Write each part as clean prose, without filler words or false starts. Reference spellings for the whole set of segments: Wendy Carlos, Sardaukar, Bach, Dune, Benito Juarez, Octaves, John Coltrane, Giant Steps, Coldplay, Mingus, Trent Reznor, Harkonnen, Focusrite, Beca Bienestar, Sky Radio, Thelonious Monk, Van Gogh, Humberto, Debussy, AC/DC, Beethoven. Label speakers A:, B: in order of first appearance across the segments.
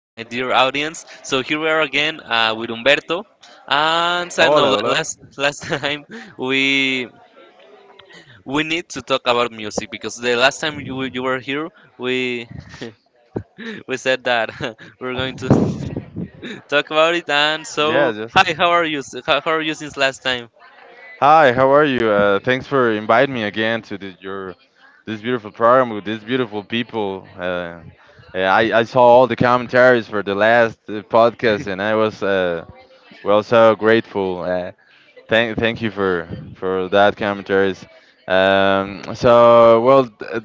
A: my dear audience. So here we are again with Humberto, and I don't know.
B: Hola,
A: la-
B: hola.
A: Last last time we we need to talk about music because the last time you were here, we we said that we're going to talk about it. And
B: Yeah,
A: so,
B: just.
A: hi, how are you? How are you since last time?
B: Hi, how are you? Thanks for inviting me again to your this beautiful program with these beautiful people. Yeah, I saw all the commentaries for the last podcast, and I was well so grateful. Thank you for that commentaries. Um, so well, uh,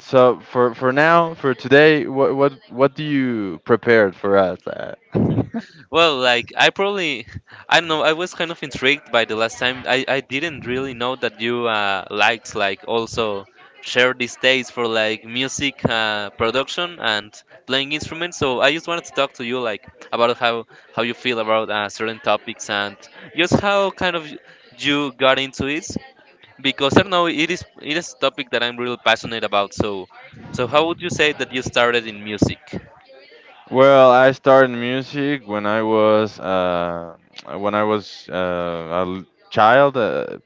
B: so for now, for today, what do you prepared for us?
A: Well, like I probably, I don't know. I was kind of intrigued by the last time. I didn't really know that you liked like also share these days for like music production and playing instruments. So I just wanted to talk to you like about how you feel about certain topics and just how kind of you got into it because I don't know it is a topic that I'm really passionate about. So so how would you say that you started in music
B: Well, I started music when I was a child. Uh,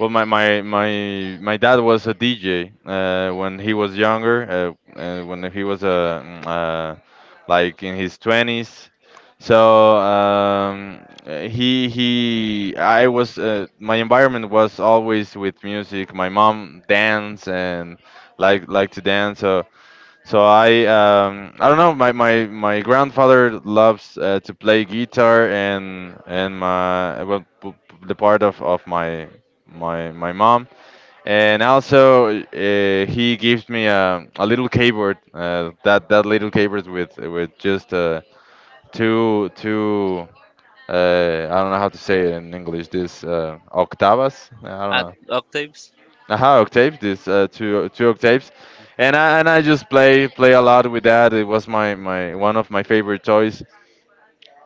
B: well, my, my my my dad was a DJ when he was younger. When he was like in his twenties, so he I was my environment was always with music. My mom dance and like to dance. So I don't know. My grandfather loves to play guitar and my well p- p- the part of my mom, and also he gives me a little keyboard . That little keyboard with just two, I don't know how to say it in English, this octavas. I don't
A: at
B: know.
A: octaves?
B: Aha, octaves, this two octaves, and I just play a lot with that. It was my one of my favorite toys.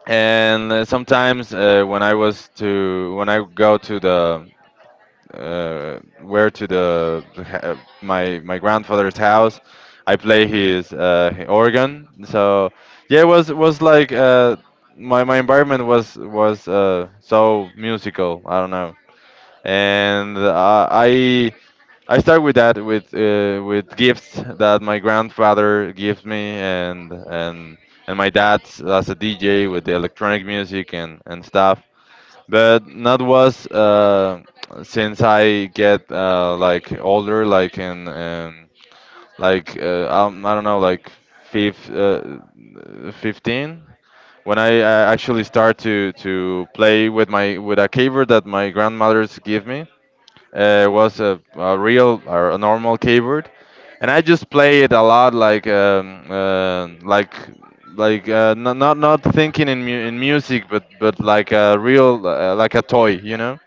B: And sometimes when I go to the where to the ha- my grandfather's house. I play his organ. So yeah, it was like my environment was so musical. I don't know. And I start with that with gifts that my grandfather gives me, and my dad as a DJ with the electronic music and stuff. But not was since I get like older, like in like I don't know, like fifth, uh, 15, when I actually start to play with my with a keyboard that my grandmother's give me. It was a real or a normal keyboard, and I just play it a lot, like not thinking in in music, but like a real like a toy, you know,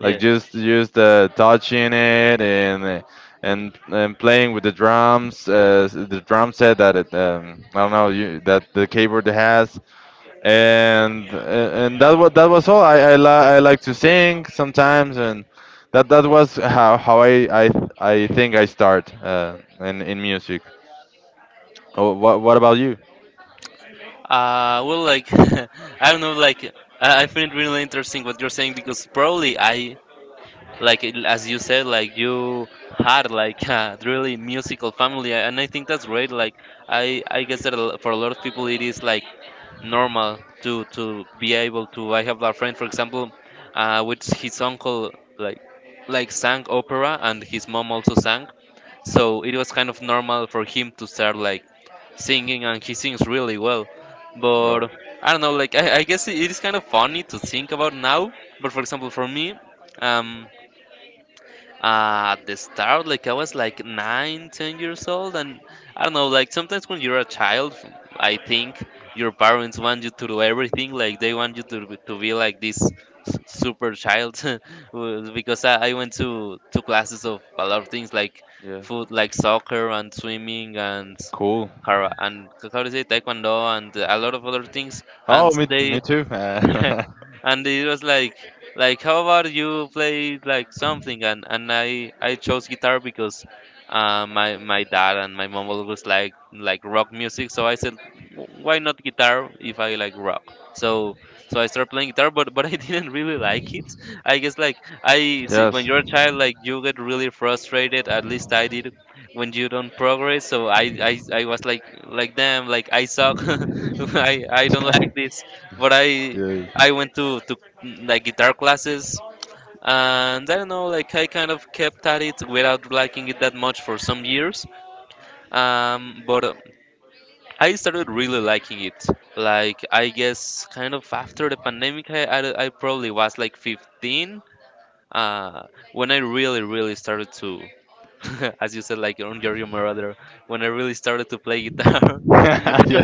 B: like
A: Yeah.
B: just touching it and. And playing with the drums, the drum set that I don't know, that the keyboard has. And that was all. I like to sing sometimes, and that was how I think I start in music. Oh, what about you?
A: Well, like I don't know, like I find it really interesting what you're saying because probably I like as you said, like you had like a really musical family, and I think that's great. Like I guess that for a lot of people it is like normal to be able to. I have a friend, for example, with his uncle like like sang opera and his mom also sang so it was kind of normal for him to start like singing and he sings really well,
B: Bro.
A: but I don't know like I guess it is kind of funny to think about now, but for example for me, um at the start like I was like 9 10 years old, and I don't know, like sometimes when you're a child I think your parents want you to do everything like they want you to, to be like super child. Well, because I went to classes of a lot of things like
B: Yeah.
A: food like soccer and swimming and
B: Cool.
A: kara and how to say taekwondo and a lot of other things, and
B: Oh, me
A: they
B: too.
A: and it was like how about you play like something, and and I chose guitar because my my dad and my mom always like rock music, so I said, Why not guitar if I like rock?" So so I started playing guitar, but I didn't really like it. I guess like I see, when
B: Yes.
A: you're a child like you get really frustrated, at least I did, when you don't progress, so I was like damn like I suck. I don't like this, but I went to like guitar classes, and I don't know, like I kind of kept at it without liking it that much for some years. But I started really liking it. Like I guess kind of after the pandemic, I probably was like 15. Uh, when I really really started to, as you said, like on your mother, when I really started to play guitar.
B: Yeah.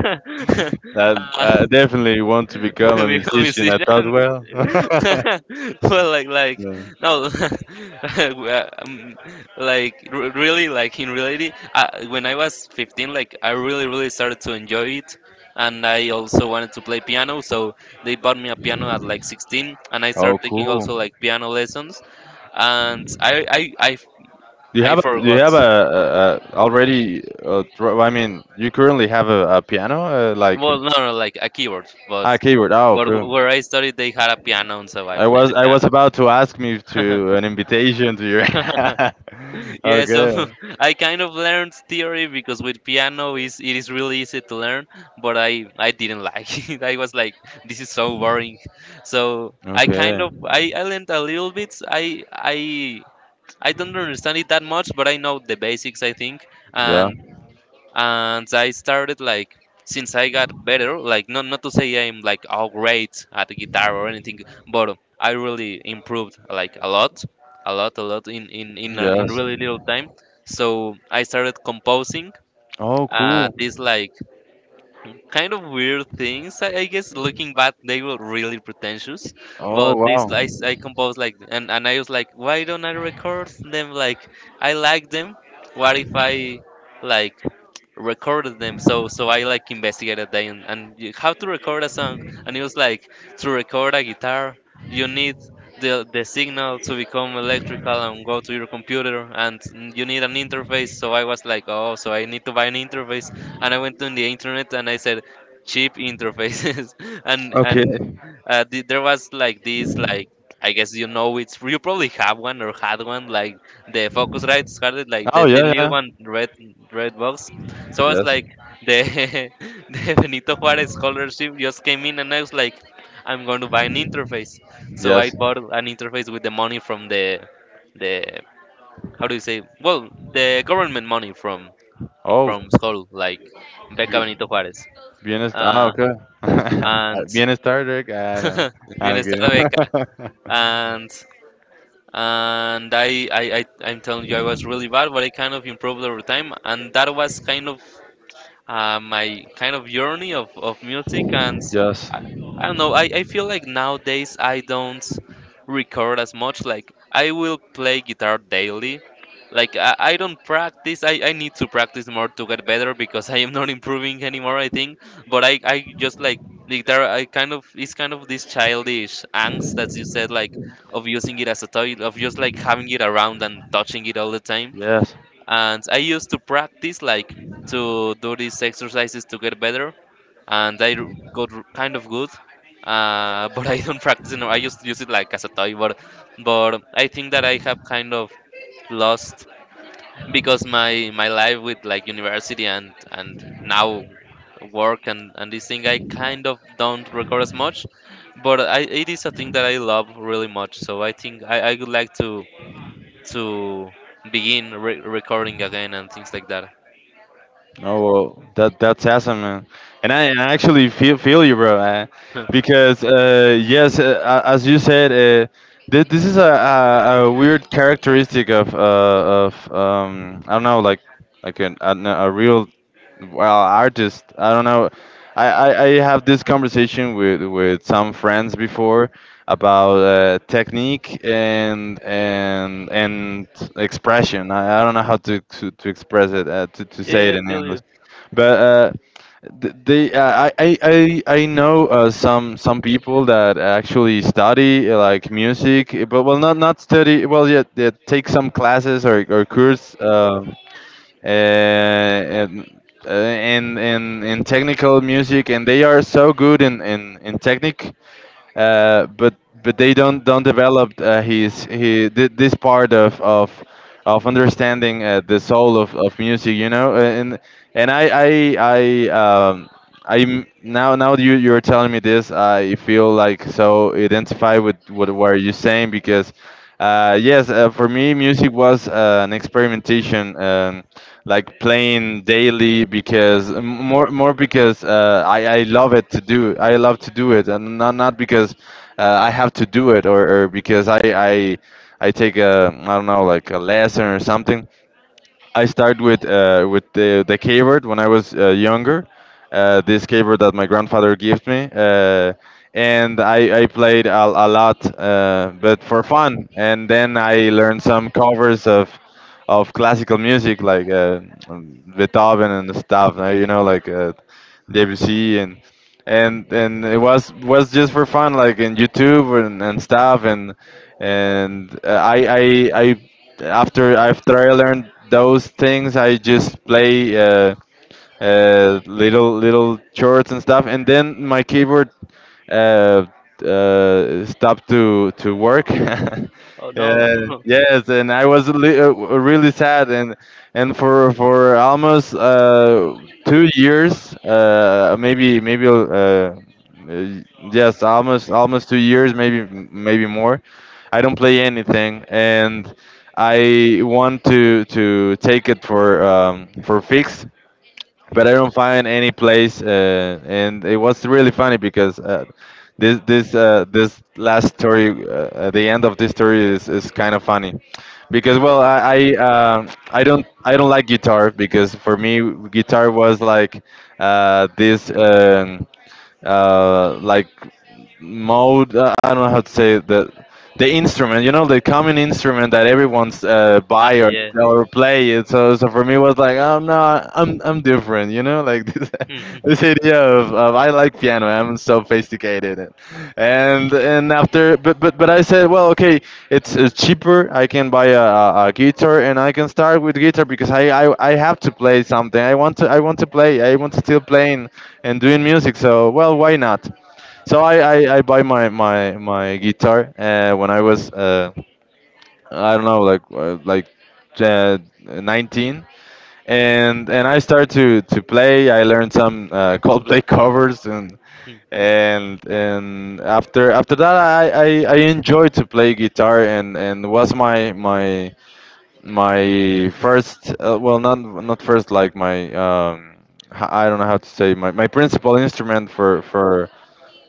B: That. I definitely want to become a. Well,
A: become a musician
B: yeah. And the.
A: well like no uh, um, like really like in reality when I was 15 like I really really started to enjoy it, and I also wanted to play piano, so they bought me a piano at like 16, and I started taking also like piano lessons, and
B: Do you
A: I
B: have a do you
A: forgot.
B: have a already? I mean, you currently have a piano, like.
A: Well no no like a keyboard,
B: Ah, keyboard. Oh,
A: but
B: cool.
A: where I studied they had a piano, and so I
B: I
A: played
B: was
A: the
B: I was
A: piano.
B: about to ask me to an invitation to your.
A: Yeah, so
B: Okay.
A: I kind of learned theory because with piano is it is really easy to learn, but I didn't like it. I was like, this is so boring, so i
B: Okay.
A: kind of i, I learned a little bit. I I don't understand it that much, but I know the basics I think.
B: Yeah.
A: And I started like since I got better, like not to say I'm like all great at guitar or anything, but I really improved like a lot, a lot, a lot in
B: Yes.
A: really little time. So I started composing
B: Oh, cool.
A: these like kind of weird things. I guess looking back they were really pretentious,
B: Oh,
A: but this
B: wow.
A: I composed like, and I was like why don't I record them? Like, I like them. What if I like recorded them? So so I like investigated that, and how to record a song. And it was like to record a guitar you need the signal to become electrical and go to your computer, and you need an interface. So I was like, oh, so I need to buy an interface. And I went on the internet, and I said cheap interfaces. And
B: Okay.
A: there was like this like, I guess you know it's, you probably have one or had one, like the Focusrite started like
B: Oh,
A: the little
B: yeah
A: one red red box. So
B: yeah.
A: I was
B: Yes.
A: like, the the Benito Juarez scholarship just came in, and I was like, I'm going to buy an interface. So I
B: Yes.
A: bought an interface with the money from the how do you say? Well, the government money
B: Oh,
A: from school, like Beca Benito
B: bi-
A: Juarez,
B: bienestar. Ah,
A: uh,
B: okay.
A: and
B: Bienestar, Drake. Ah, no. I'm
A: Bienestar
B: kidding.
A: Beca, and and I'm telling you, I was really bad, but I kind of improved over time, and that was kind of my kind of journey of music. And
B: Yes.
A: I, I don't know. I feel like nowadays I don't record as much. Like I will play guitar daily like I don't practice. I need to practice more to get better because I am not improving anymore I think. But I just like the guitar. I kind of it's kind of this childish angst as you said like of using it as a toy, of just like having it around and touching it all the time,
B: Yes.
A: and I used to practice like to do these exercises to get better, and I kind of good. But I don't practice anymore. I just use it like as a toy, but I think that I have kind of lost because my life with like university and now work and this thing I kind of don't record as much, but I it is a thing that I love really much. So I think I would like to begin recording again and things like that.
B: Oh well, that's awesome, man. And I actually feel you, bro. Because yes, as you said, this is a weird characteristic of I don't know, like like a real, well, artist. I don't know. I have this conversation with some friends before, about technique and expression. I don't know how to express it, to say it in English, but they I know some people that actually study like music, eh, but well, not not study well yeah, they take some classes or course, um, and in technical music, and they are so good in technique, uh, but but they don't develop this part of understanding the soul of music. And I um, I now you're telling me this. I feel like so identify with what were you saying, because yes, for me music was an experimentation. Like playing daily, because more, because I love to do it, and not because I have to do it, or because I take a, I don't know, like a lesson or something. I started with the keyboard when I was younger. This keyboard that my grandfather gave me. And I played a lot, but for fun. And then I learned some covers of classical music, like Beethoven and stuff. You know, like Debussy. And it was just for fun, like in YouTube, and stuff, and uh, I, I after I learned those things, I just play little chords and stuff. And then my keyboard uh, stopped to work.
A: Oh no.
B: Yes, and I was really sad. And for almost 2 years, maybe, yes, almost 2 years, maybe, more. I don't play anything, and I want to take it for, for fix, but I don't find any place. And it was really funny, because this last story, at the end of this story, is kind of funny, because well, I don't like guitar, because for me guitar was like this like mode. I don't know how to say that. The instrument, you know, the common instrument that everyone's buy
A: Ah,
B: or
A: yeah.
B: sell or play. It. So for me, it was like, oh, no, I'm different, you know, like this.
A: Hmm, hmm, hmm,
B: This idea of I like piano, I'm so sophisticated. And after, but I said, well, okay, it's cheaper. I can buy a guitar, and I can start with guitar, because I have to play something. I want to play. I want to still playing and doing music. So well, why not? So I buy my guitar when I was I don't know, like uh, 19, and I started to play. I learned some Coldplay covers, and
A: hmm.
B: and after that, I enjoyed to play guitar, and was my first, well, not first, like my, I don't know how to say, my principal instrument for for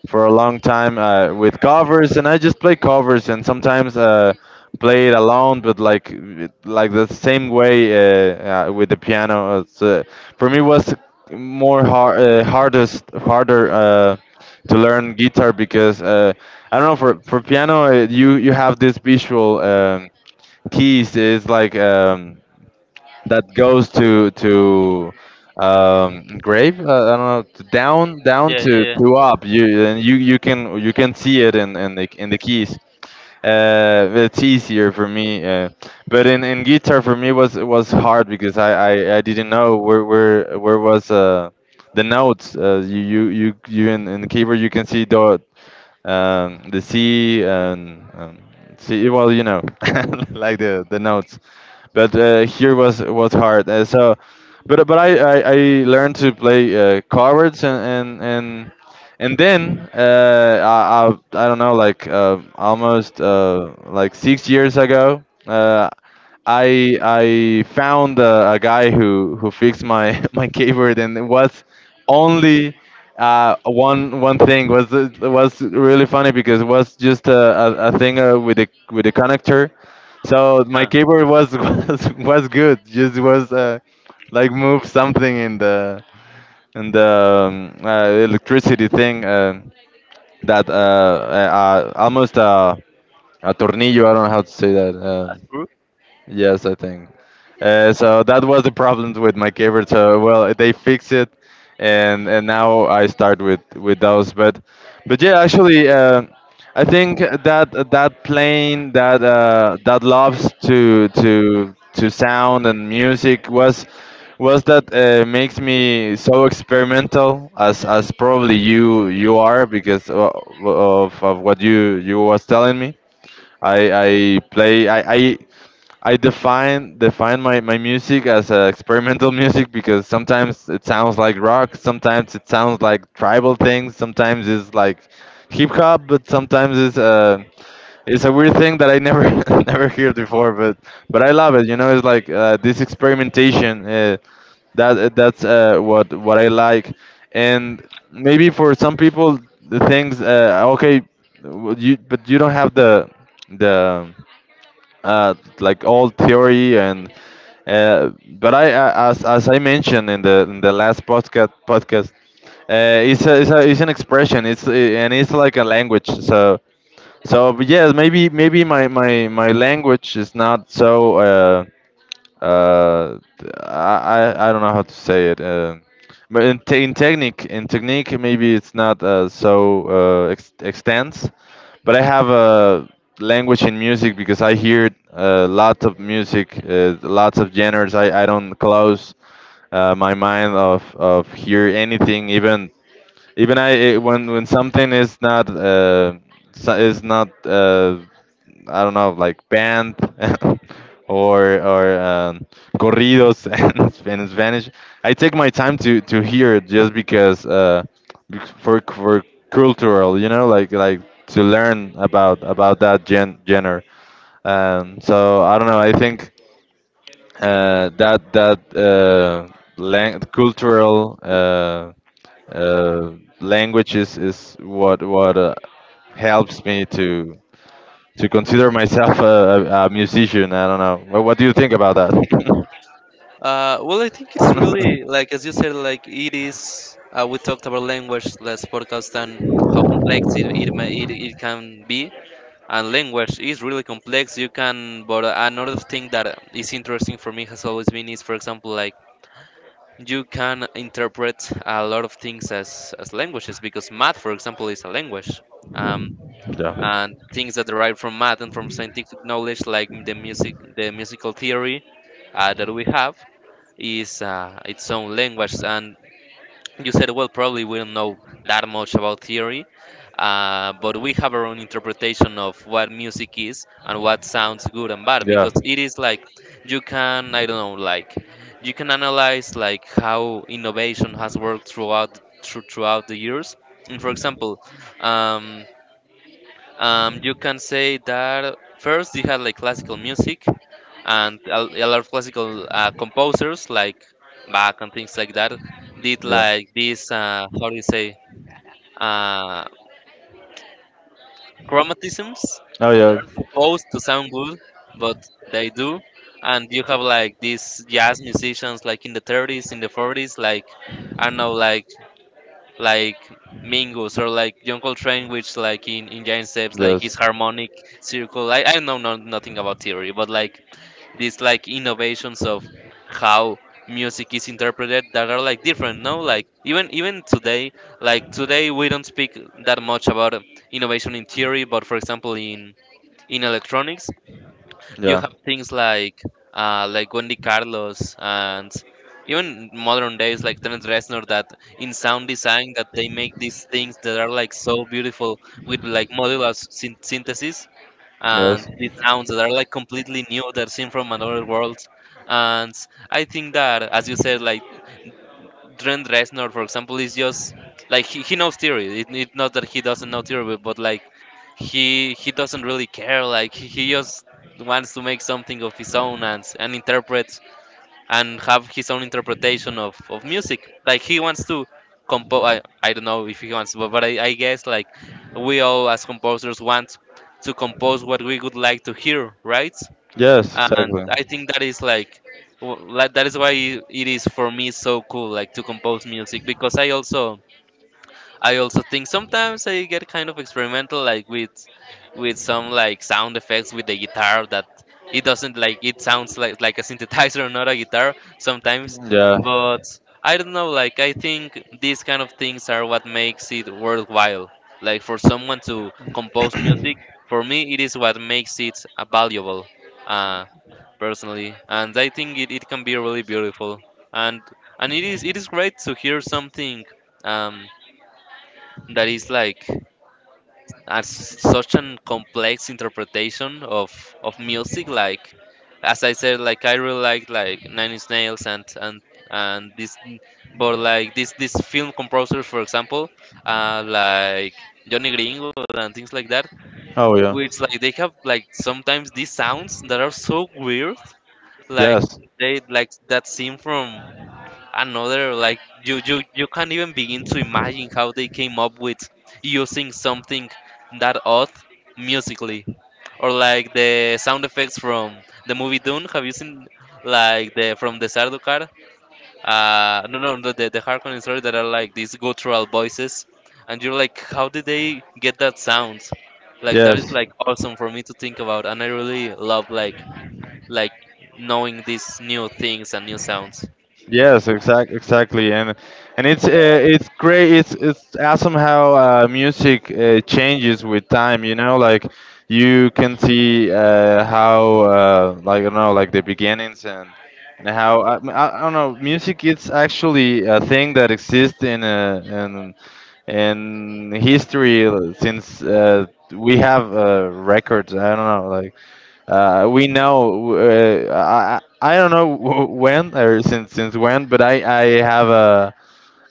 B: for a long time, with covers, and I just play covers, and sometimes play it alone, but like the same way, with the piano. For me, was harder, to learn guitar, because I don't know, for piano, you have this visual, keys. It's like that goes to grave. I don't know, to down,
A: Yeah,
B: to
A: yeah, yeah.
B: to up. You can see it in the keys. It's easier for me, but in guitar for me was hard, because I didn't know where was the notes. In the keyboard you can see the C, and C. Well, you know,
A: Hmm,
B: like the notes, but here was hard. But I learned to play cards, and then I don't know, like almost like 6 years ago. I found a guy who fixed my my keyboard, and it was only one thing. Was really funny, because it was just a thing with the connector, so my
A: huh.
B: keyboard was was good. Just was like move something in the electricity thing, that almost a tornillo. I don't know how to say that.
A: True.
B: Yes, I think. So that was the problems with my keyboard. So well, they fixed it, and now I start with those. But yeah, actually, I think that that plane that loves to sound and music was that makes me so experimental as probably you are because of what you was telling me. I play I define my music as experimental music because sometimes it sounds like rock, sometimes it sounds like tribal things, sometimes it's like hip hop, but sometimes it's a weird thing that I never never heard before, but I love it. You know, it's like this experimentation. That's what I like, and maybe for some people the things okay, you but you don't have the uh, like all theory and uh, but as I mentioned in the in the last podcast it's an expression it's and it's like a language so but yes maybe my language is not so. Uh, I don't know how to say it. But in technique, maybe it's not so extends. But I have a language in music because I hear lots of music, lots of genres. I don't close my mind of hear anything, even when something is not is not. I don't know, like band or corridos in Spanish. I take my time to hear it just because for cultural, you know, like to learn about that genre. So I don't know. I think that cultural uh, language is what helps me to consider myself a musician. I don't know. What do you think about that?
A: Well, I think it's really like as you said, like it is. We talked about language last podcast and how complex it it can be, and language is really complex. You can, but another thing that is interesting for me has always been is, for example, like you can interpret a lot of things as languages, because math, for example, is a language. Um,
B: yeah.
A: and things that derive from math and from scientific knowledge, like the music, the musical theory that we have, is its own language. And you said, well, probably we don't know that much about theory, but we have our own interpretation of what music is and what sounds good and bad, because it is like you can, I don't know, like you can analyze like how innovation has worked throughout throughout the years. And
B: Yeah.
A: for example, um, you can say that first you had like classical music, and a lot of classical composers like Bach and things like that did like these how do you say uh, chromatisms that are supposed to sound good but they do. And you have like these jazz musicians like in the 30s in the 40s like I don't know like Mingus or like John Coltrane, which like in Giant Steps, like his harmonic circle. I know no, nothing about theory, but like these like innovations of how music is interpreted that are like different no like even even today like today we don't speak that much about innovation in theory, but for example in electronics you have things like Wendy Carlos and even modern days like Trent Reznor that in sound design that they make these things that are like so beautiful with like modular synthesis and these sounds that are like completely new that seem from another world. And I think that as you said like Trent Reznor, for example, is just like he knows theory. It's not that he doesn't know theory, but like he doesn't really care. Like he just wants to make something of his own and interpret and have his own interpretation of music. Like he wants to compose. I don't know if he wants, but I guess like we all as composers want to compose what we would like to hear, right?
B: Yes.
A: And I think that is like that is why it is for me so cool like to compose music because I also think sometimes I get kind of experimental, like with some like sound effects with the guitar that it doesn't like it sounds like a synthesizer, not a guitar sometimes.
B: Yeah.
A: But I don't know, like I think these kind of things are what makes it worthwhile. Like for someone to compose music, for me it is what makes it valuable, uh, personally. And I think it can be really beautiful. And and it is great to hear something. Um, that is like as such an complex interpretation of music like as I said like I really like nine-inch nails and this but like this film composers for example uh like johnny gringo and things like that
B: Oh yeah.
A: which like they have like sometimes these sounds that are so weird like
B: Yes.
A: they like that scene from another like you can't even begin to imagine how they came up with using something that odd musically or like the sound effects from the movie Dune, have you seen like the from the Sardaukar no, no, the Harkonnen story that are like these guttural voices and you're like how did they get that sound, like that is
B: Yes.
A: like awesome for me to think about and I really love like like knowing these new things and new sounds.
B: Yes, exactly, and it's great. It's awesome how music changes with time. You know, like you can see how like I don't know, like the beginnings and how I don't know. Music is actually a thing that exists in history since we have records. I don't know, like, we know. I I don't know when or since when, but I have a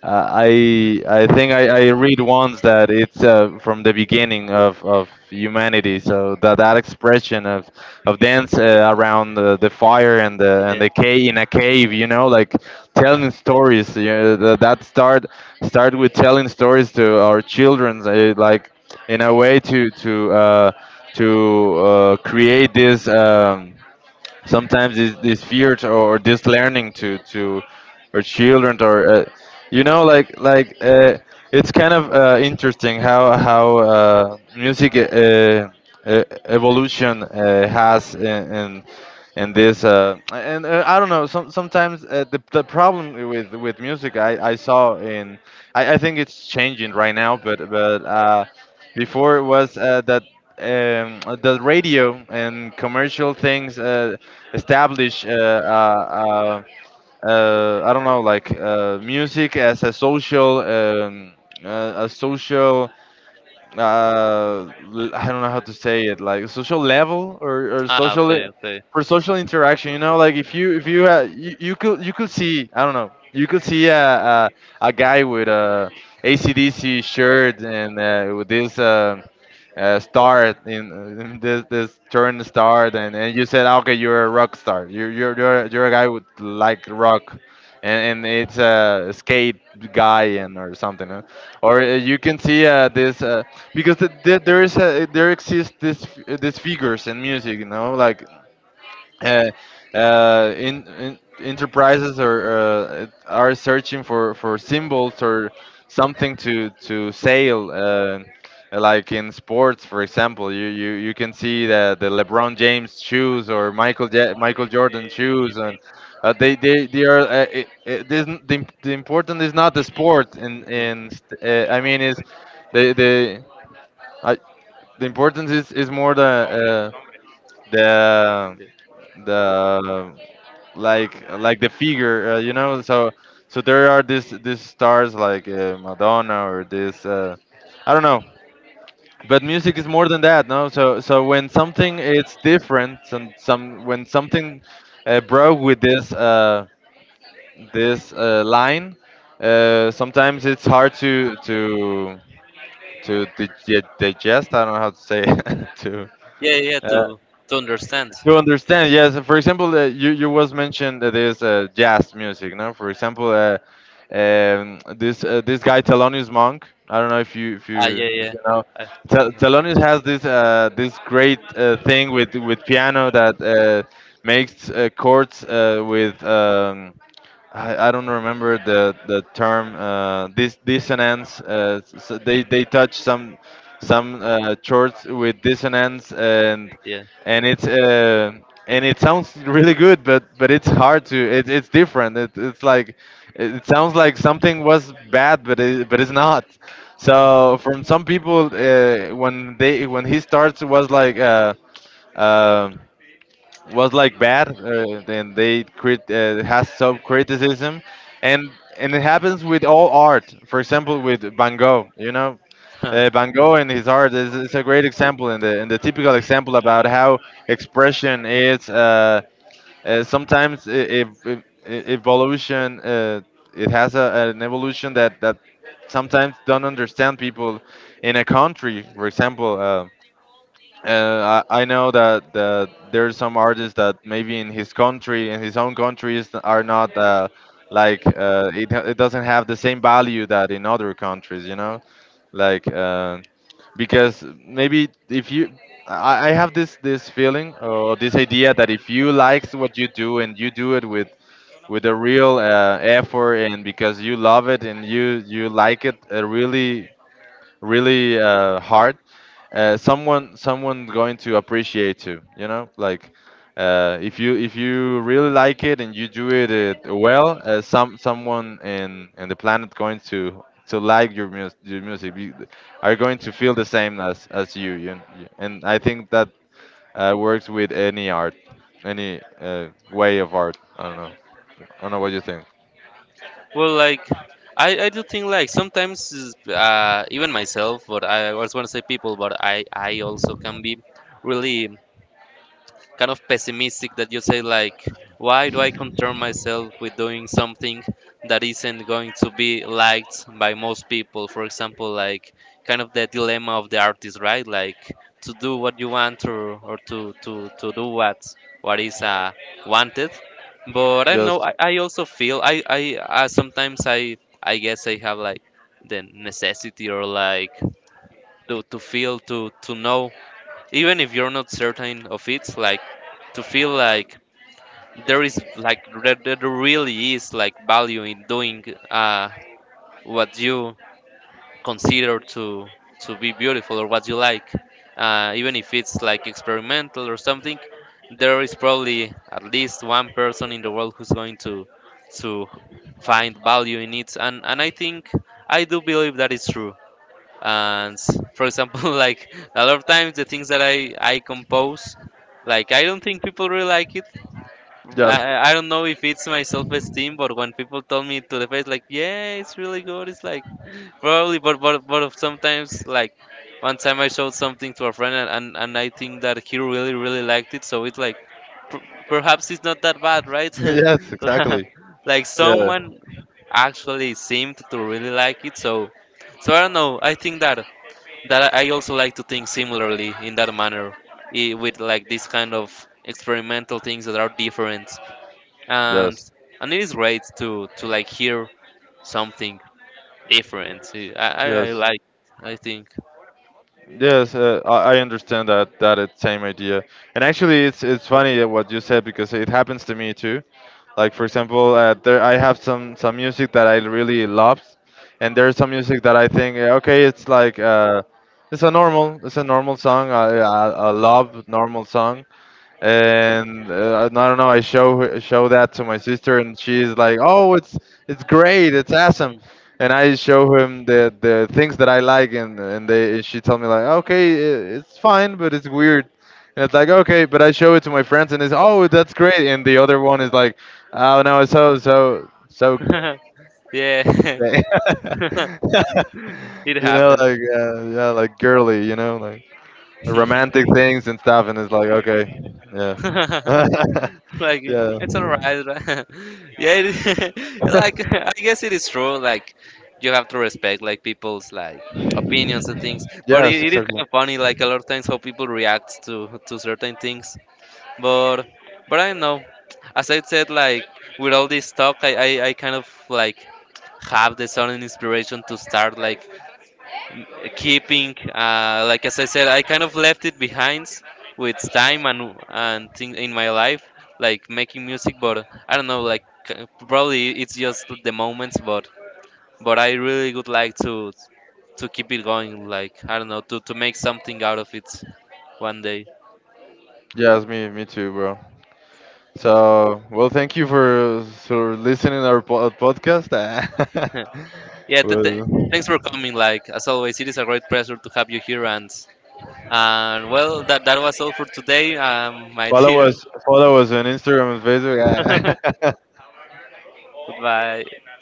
B: I think I read once that it's from the beginning of humanity. So that expression of dance around the fire and
A: Yeah.
B: the cave in a cave, you know, like telling stories. You know, that start with telling stories to our children, like in a way to create this. Sometimes this fear to, or this learning to or children or you know like like it's kind of interesting how music evolution has in and this and I don't know. Sometimes the problem with music I saw in I think it's changing right now, but before it was that the radio and commercial things establish I don't know like music as a social I don't know how to say it, like a social level, or
A: Ah,
B: social
A: okay, okay.
B: for social interaction. You know, like if you you could you could see, I don't know, you could see a guy with a AC/DC shirt and with this start in this turn start, and you said, "Ah, okay, you're a rock star, you're a guy with like rock, and it's a skate guy," and or something, huh? Or you can see this because there is a there exists these figures in music. You know, like uh, in enterprises are searching for symbols or something to sell. Like in sports, for example, you can see the LeBron James shoes or Michael Jordan shoes, and they they are. It, it isn't, the important is not the sport,
A: No.
B: and I mean is the the. I, the
A: Hmm?
B: importance is more the the
A: Yeah,
B: the like the figure, you know. So so there are these stars like Madonna or this I don't know, but music is more than that, no? So so when something it's different and some when something broke with this line, sometimes it's hard to to digest. I don't know how to say it
A: yeah, yeah. Yeah.
B: uh,
A: To understand.
B: to understand. Yes, for example, you you was mentioned that is jazz music, no? For example, this guy Thelonious Monk, I don't know if you if
A: Ah,
B: you
A: yeah,
B: if
A: yeah.
B: you know.
A: I remember.
B: Thelonious has this this great thing with piano that makes chords with I don't remember the term, dissonance. They touch some chords with dissonance,
A: Yeah.
B: and it's and it sounds really good, but it's hard to it, it's different. It's like it sounds like something was bad, but it, but it's not. So from some people, when they when he starts, it was like. Um was like bad and they crit has some criticism, and and it happens with all art, for example, with Van Gogh. You know,
A: Huh.
B: Van Gogh and his art is a great example and the typical example about how expression is sometimes evolution it has a, an evolution that that sometimes don't understand people in a country, for example, I know that there are some artists that maybe in his country, in his own countries, are not it, it doesn't have the same value that in other countries, you know, like because maybe if you, I have this this feeling or this idea that if you likes what you do and you do it with a real effort and because you love it and you like it really really hard, someone going to appreciate you. You know, like if you really like it and you do it, it well, someone in the planet going to like your music your music. You- are going to feel the same as you, you you- and I think that works with any art, any way of art. I don't know, I don't know what you think.
A: Well, like I do think like sometimes is, even myself, but I was want to say people, but I also can be really kind of pessimistic that you say like why do I concern myself with doing something that isn't going to be liked by most people for example like kind of the dilemma of the artist, right? Like to do what you want, or to, to do what is wanted. But I don't know.
B: Yes.
A: I also feel I sometimes I guess I have like the necessity or like to feel to know even if you're not certain of it like to feel like there is like there really is like value in doing uh, what you consider to be beautiful or what you like, even if it's like experimental or something. There is probably at least one person in the world who's going to find value in it. And I think I do believe that is true. And for example like a lot of times the things that I compose like I don't think people really like it.
B: Yes.
A: I don't know if it's my self-esteem, but when people tell me to the face like yeah it's really good it's like probably, but but of sometimes like one time I showed something to a friend and and I think that he really really liked it so it's like perhaps it's not that bad, right?
B: Yes, exactly.
A: Like
B: Yeah.
A: someone actually seemed to really like it. So so I don't know, I think that that I also like to think similarly in that manner, with like this kind of experimental things that are different. and
B: Yes.
A: and it is great to like hear something different. I
B: Yes.
A: like I think.
B: Yes, I understand that that it's same idea. And actually, it's funny that what you said, because it happens to me too. Like for example, there I have some music that I really love, and there's some music that I think okay, it's like it's a normal song. I love normal songs, and I don't know. I show that to my sister, and she's like, "Oh, it's great, it's awesome." And I show him the things that I like, and they she tell me like, "Okay, it's fine, but it's weird." And it's like, "Okay," but I show it to my friends, and it's, "Oh, that's great." And the other one is like, "Oh no, it's so so so."
A: Mm. Yeah. It
B: You know,
A: happens.
B: like yeah, like girly, you know, like, the romantic things and stuff, and it's like, okay, yeah,
A: Like
B: yeah,
A: it's all right, right? Yeah it, like I guess it is true like you have to respect like people's like opinions and things, but it,
B: yes,
A: it is
B: exactly.
A: kind of funny like a lot of times how people react to certain things. but but I don't know, as I said like with all this talk I kind of like have the sudden inspiration to start like keeping like as I said I kind of left it behind with time and thing in my life, like making music. But I don't know like probably it's just the moments, but I really would like to keep it going, like I don't know, to make something out of it one day.
B: Yes, me too, bro. So, well, thank you for listening our podcast.
A: Yeah,
B: Well,
A: thanks for coming like as always it is a great pleasure to have you here. And well that that was all for today, my dear.
B: follow us on Instagram and Facebook.
A: Goodbye.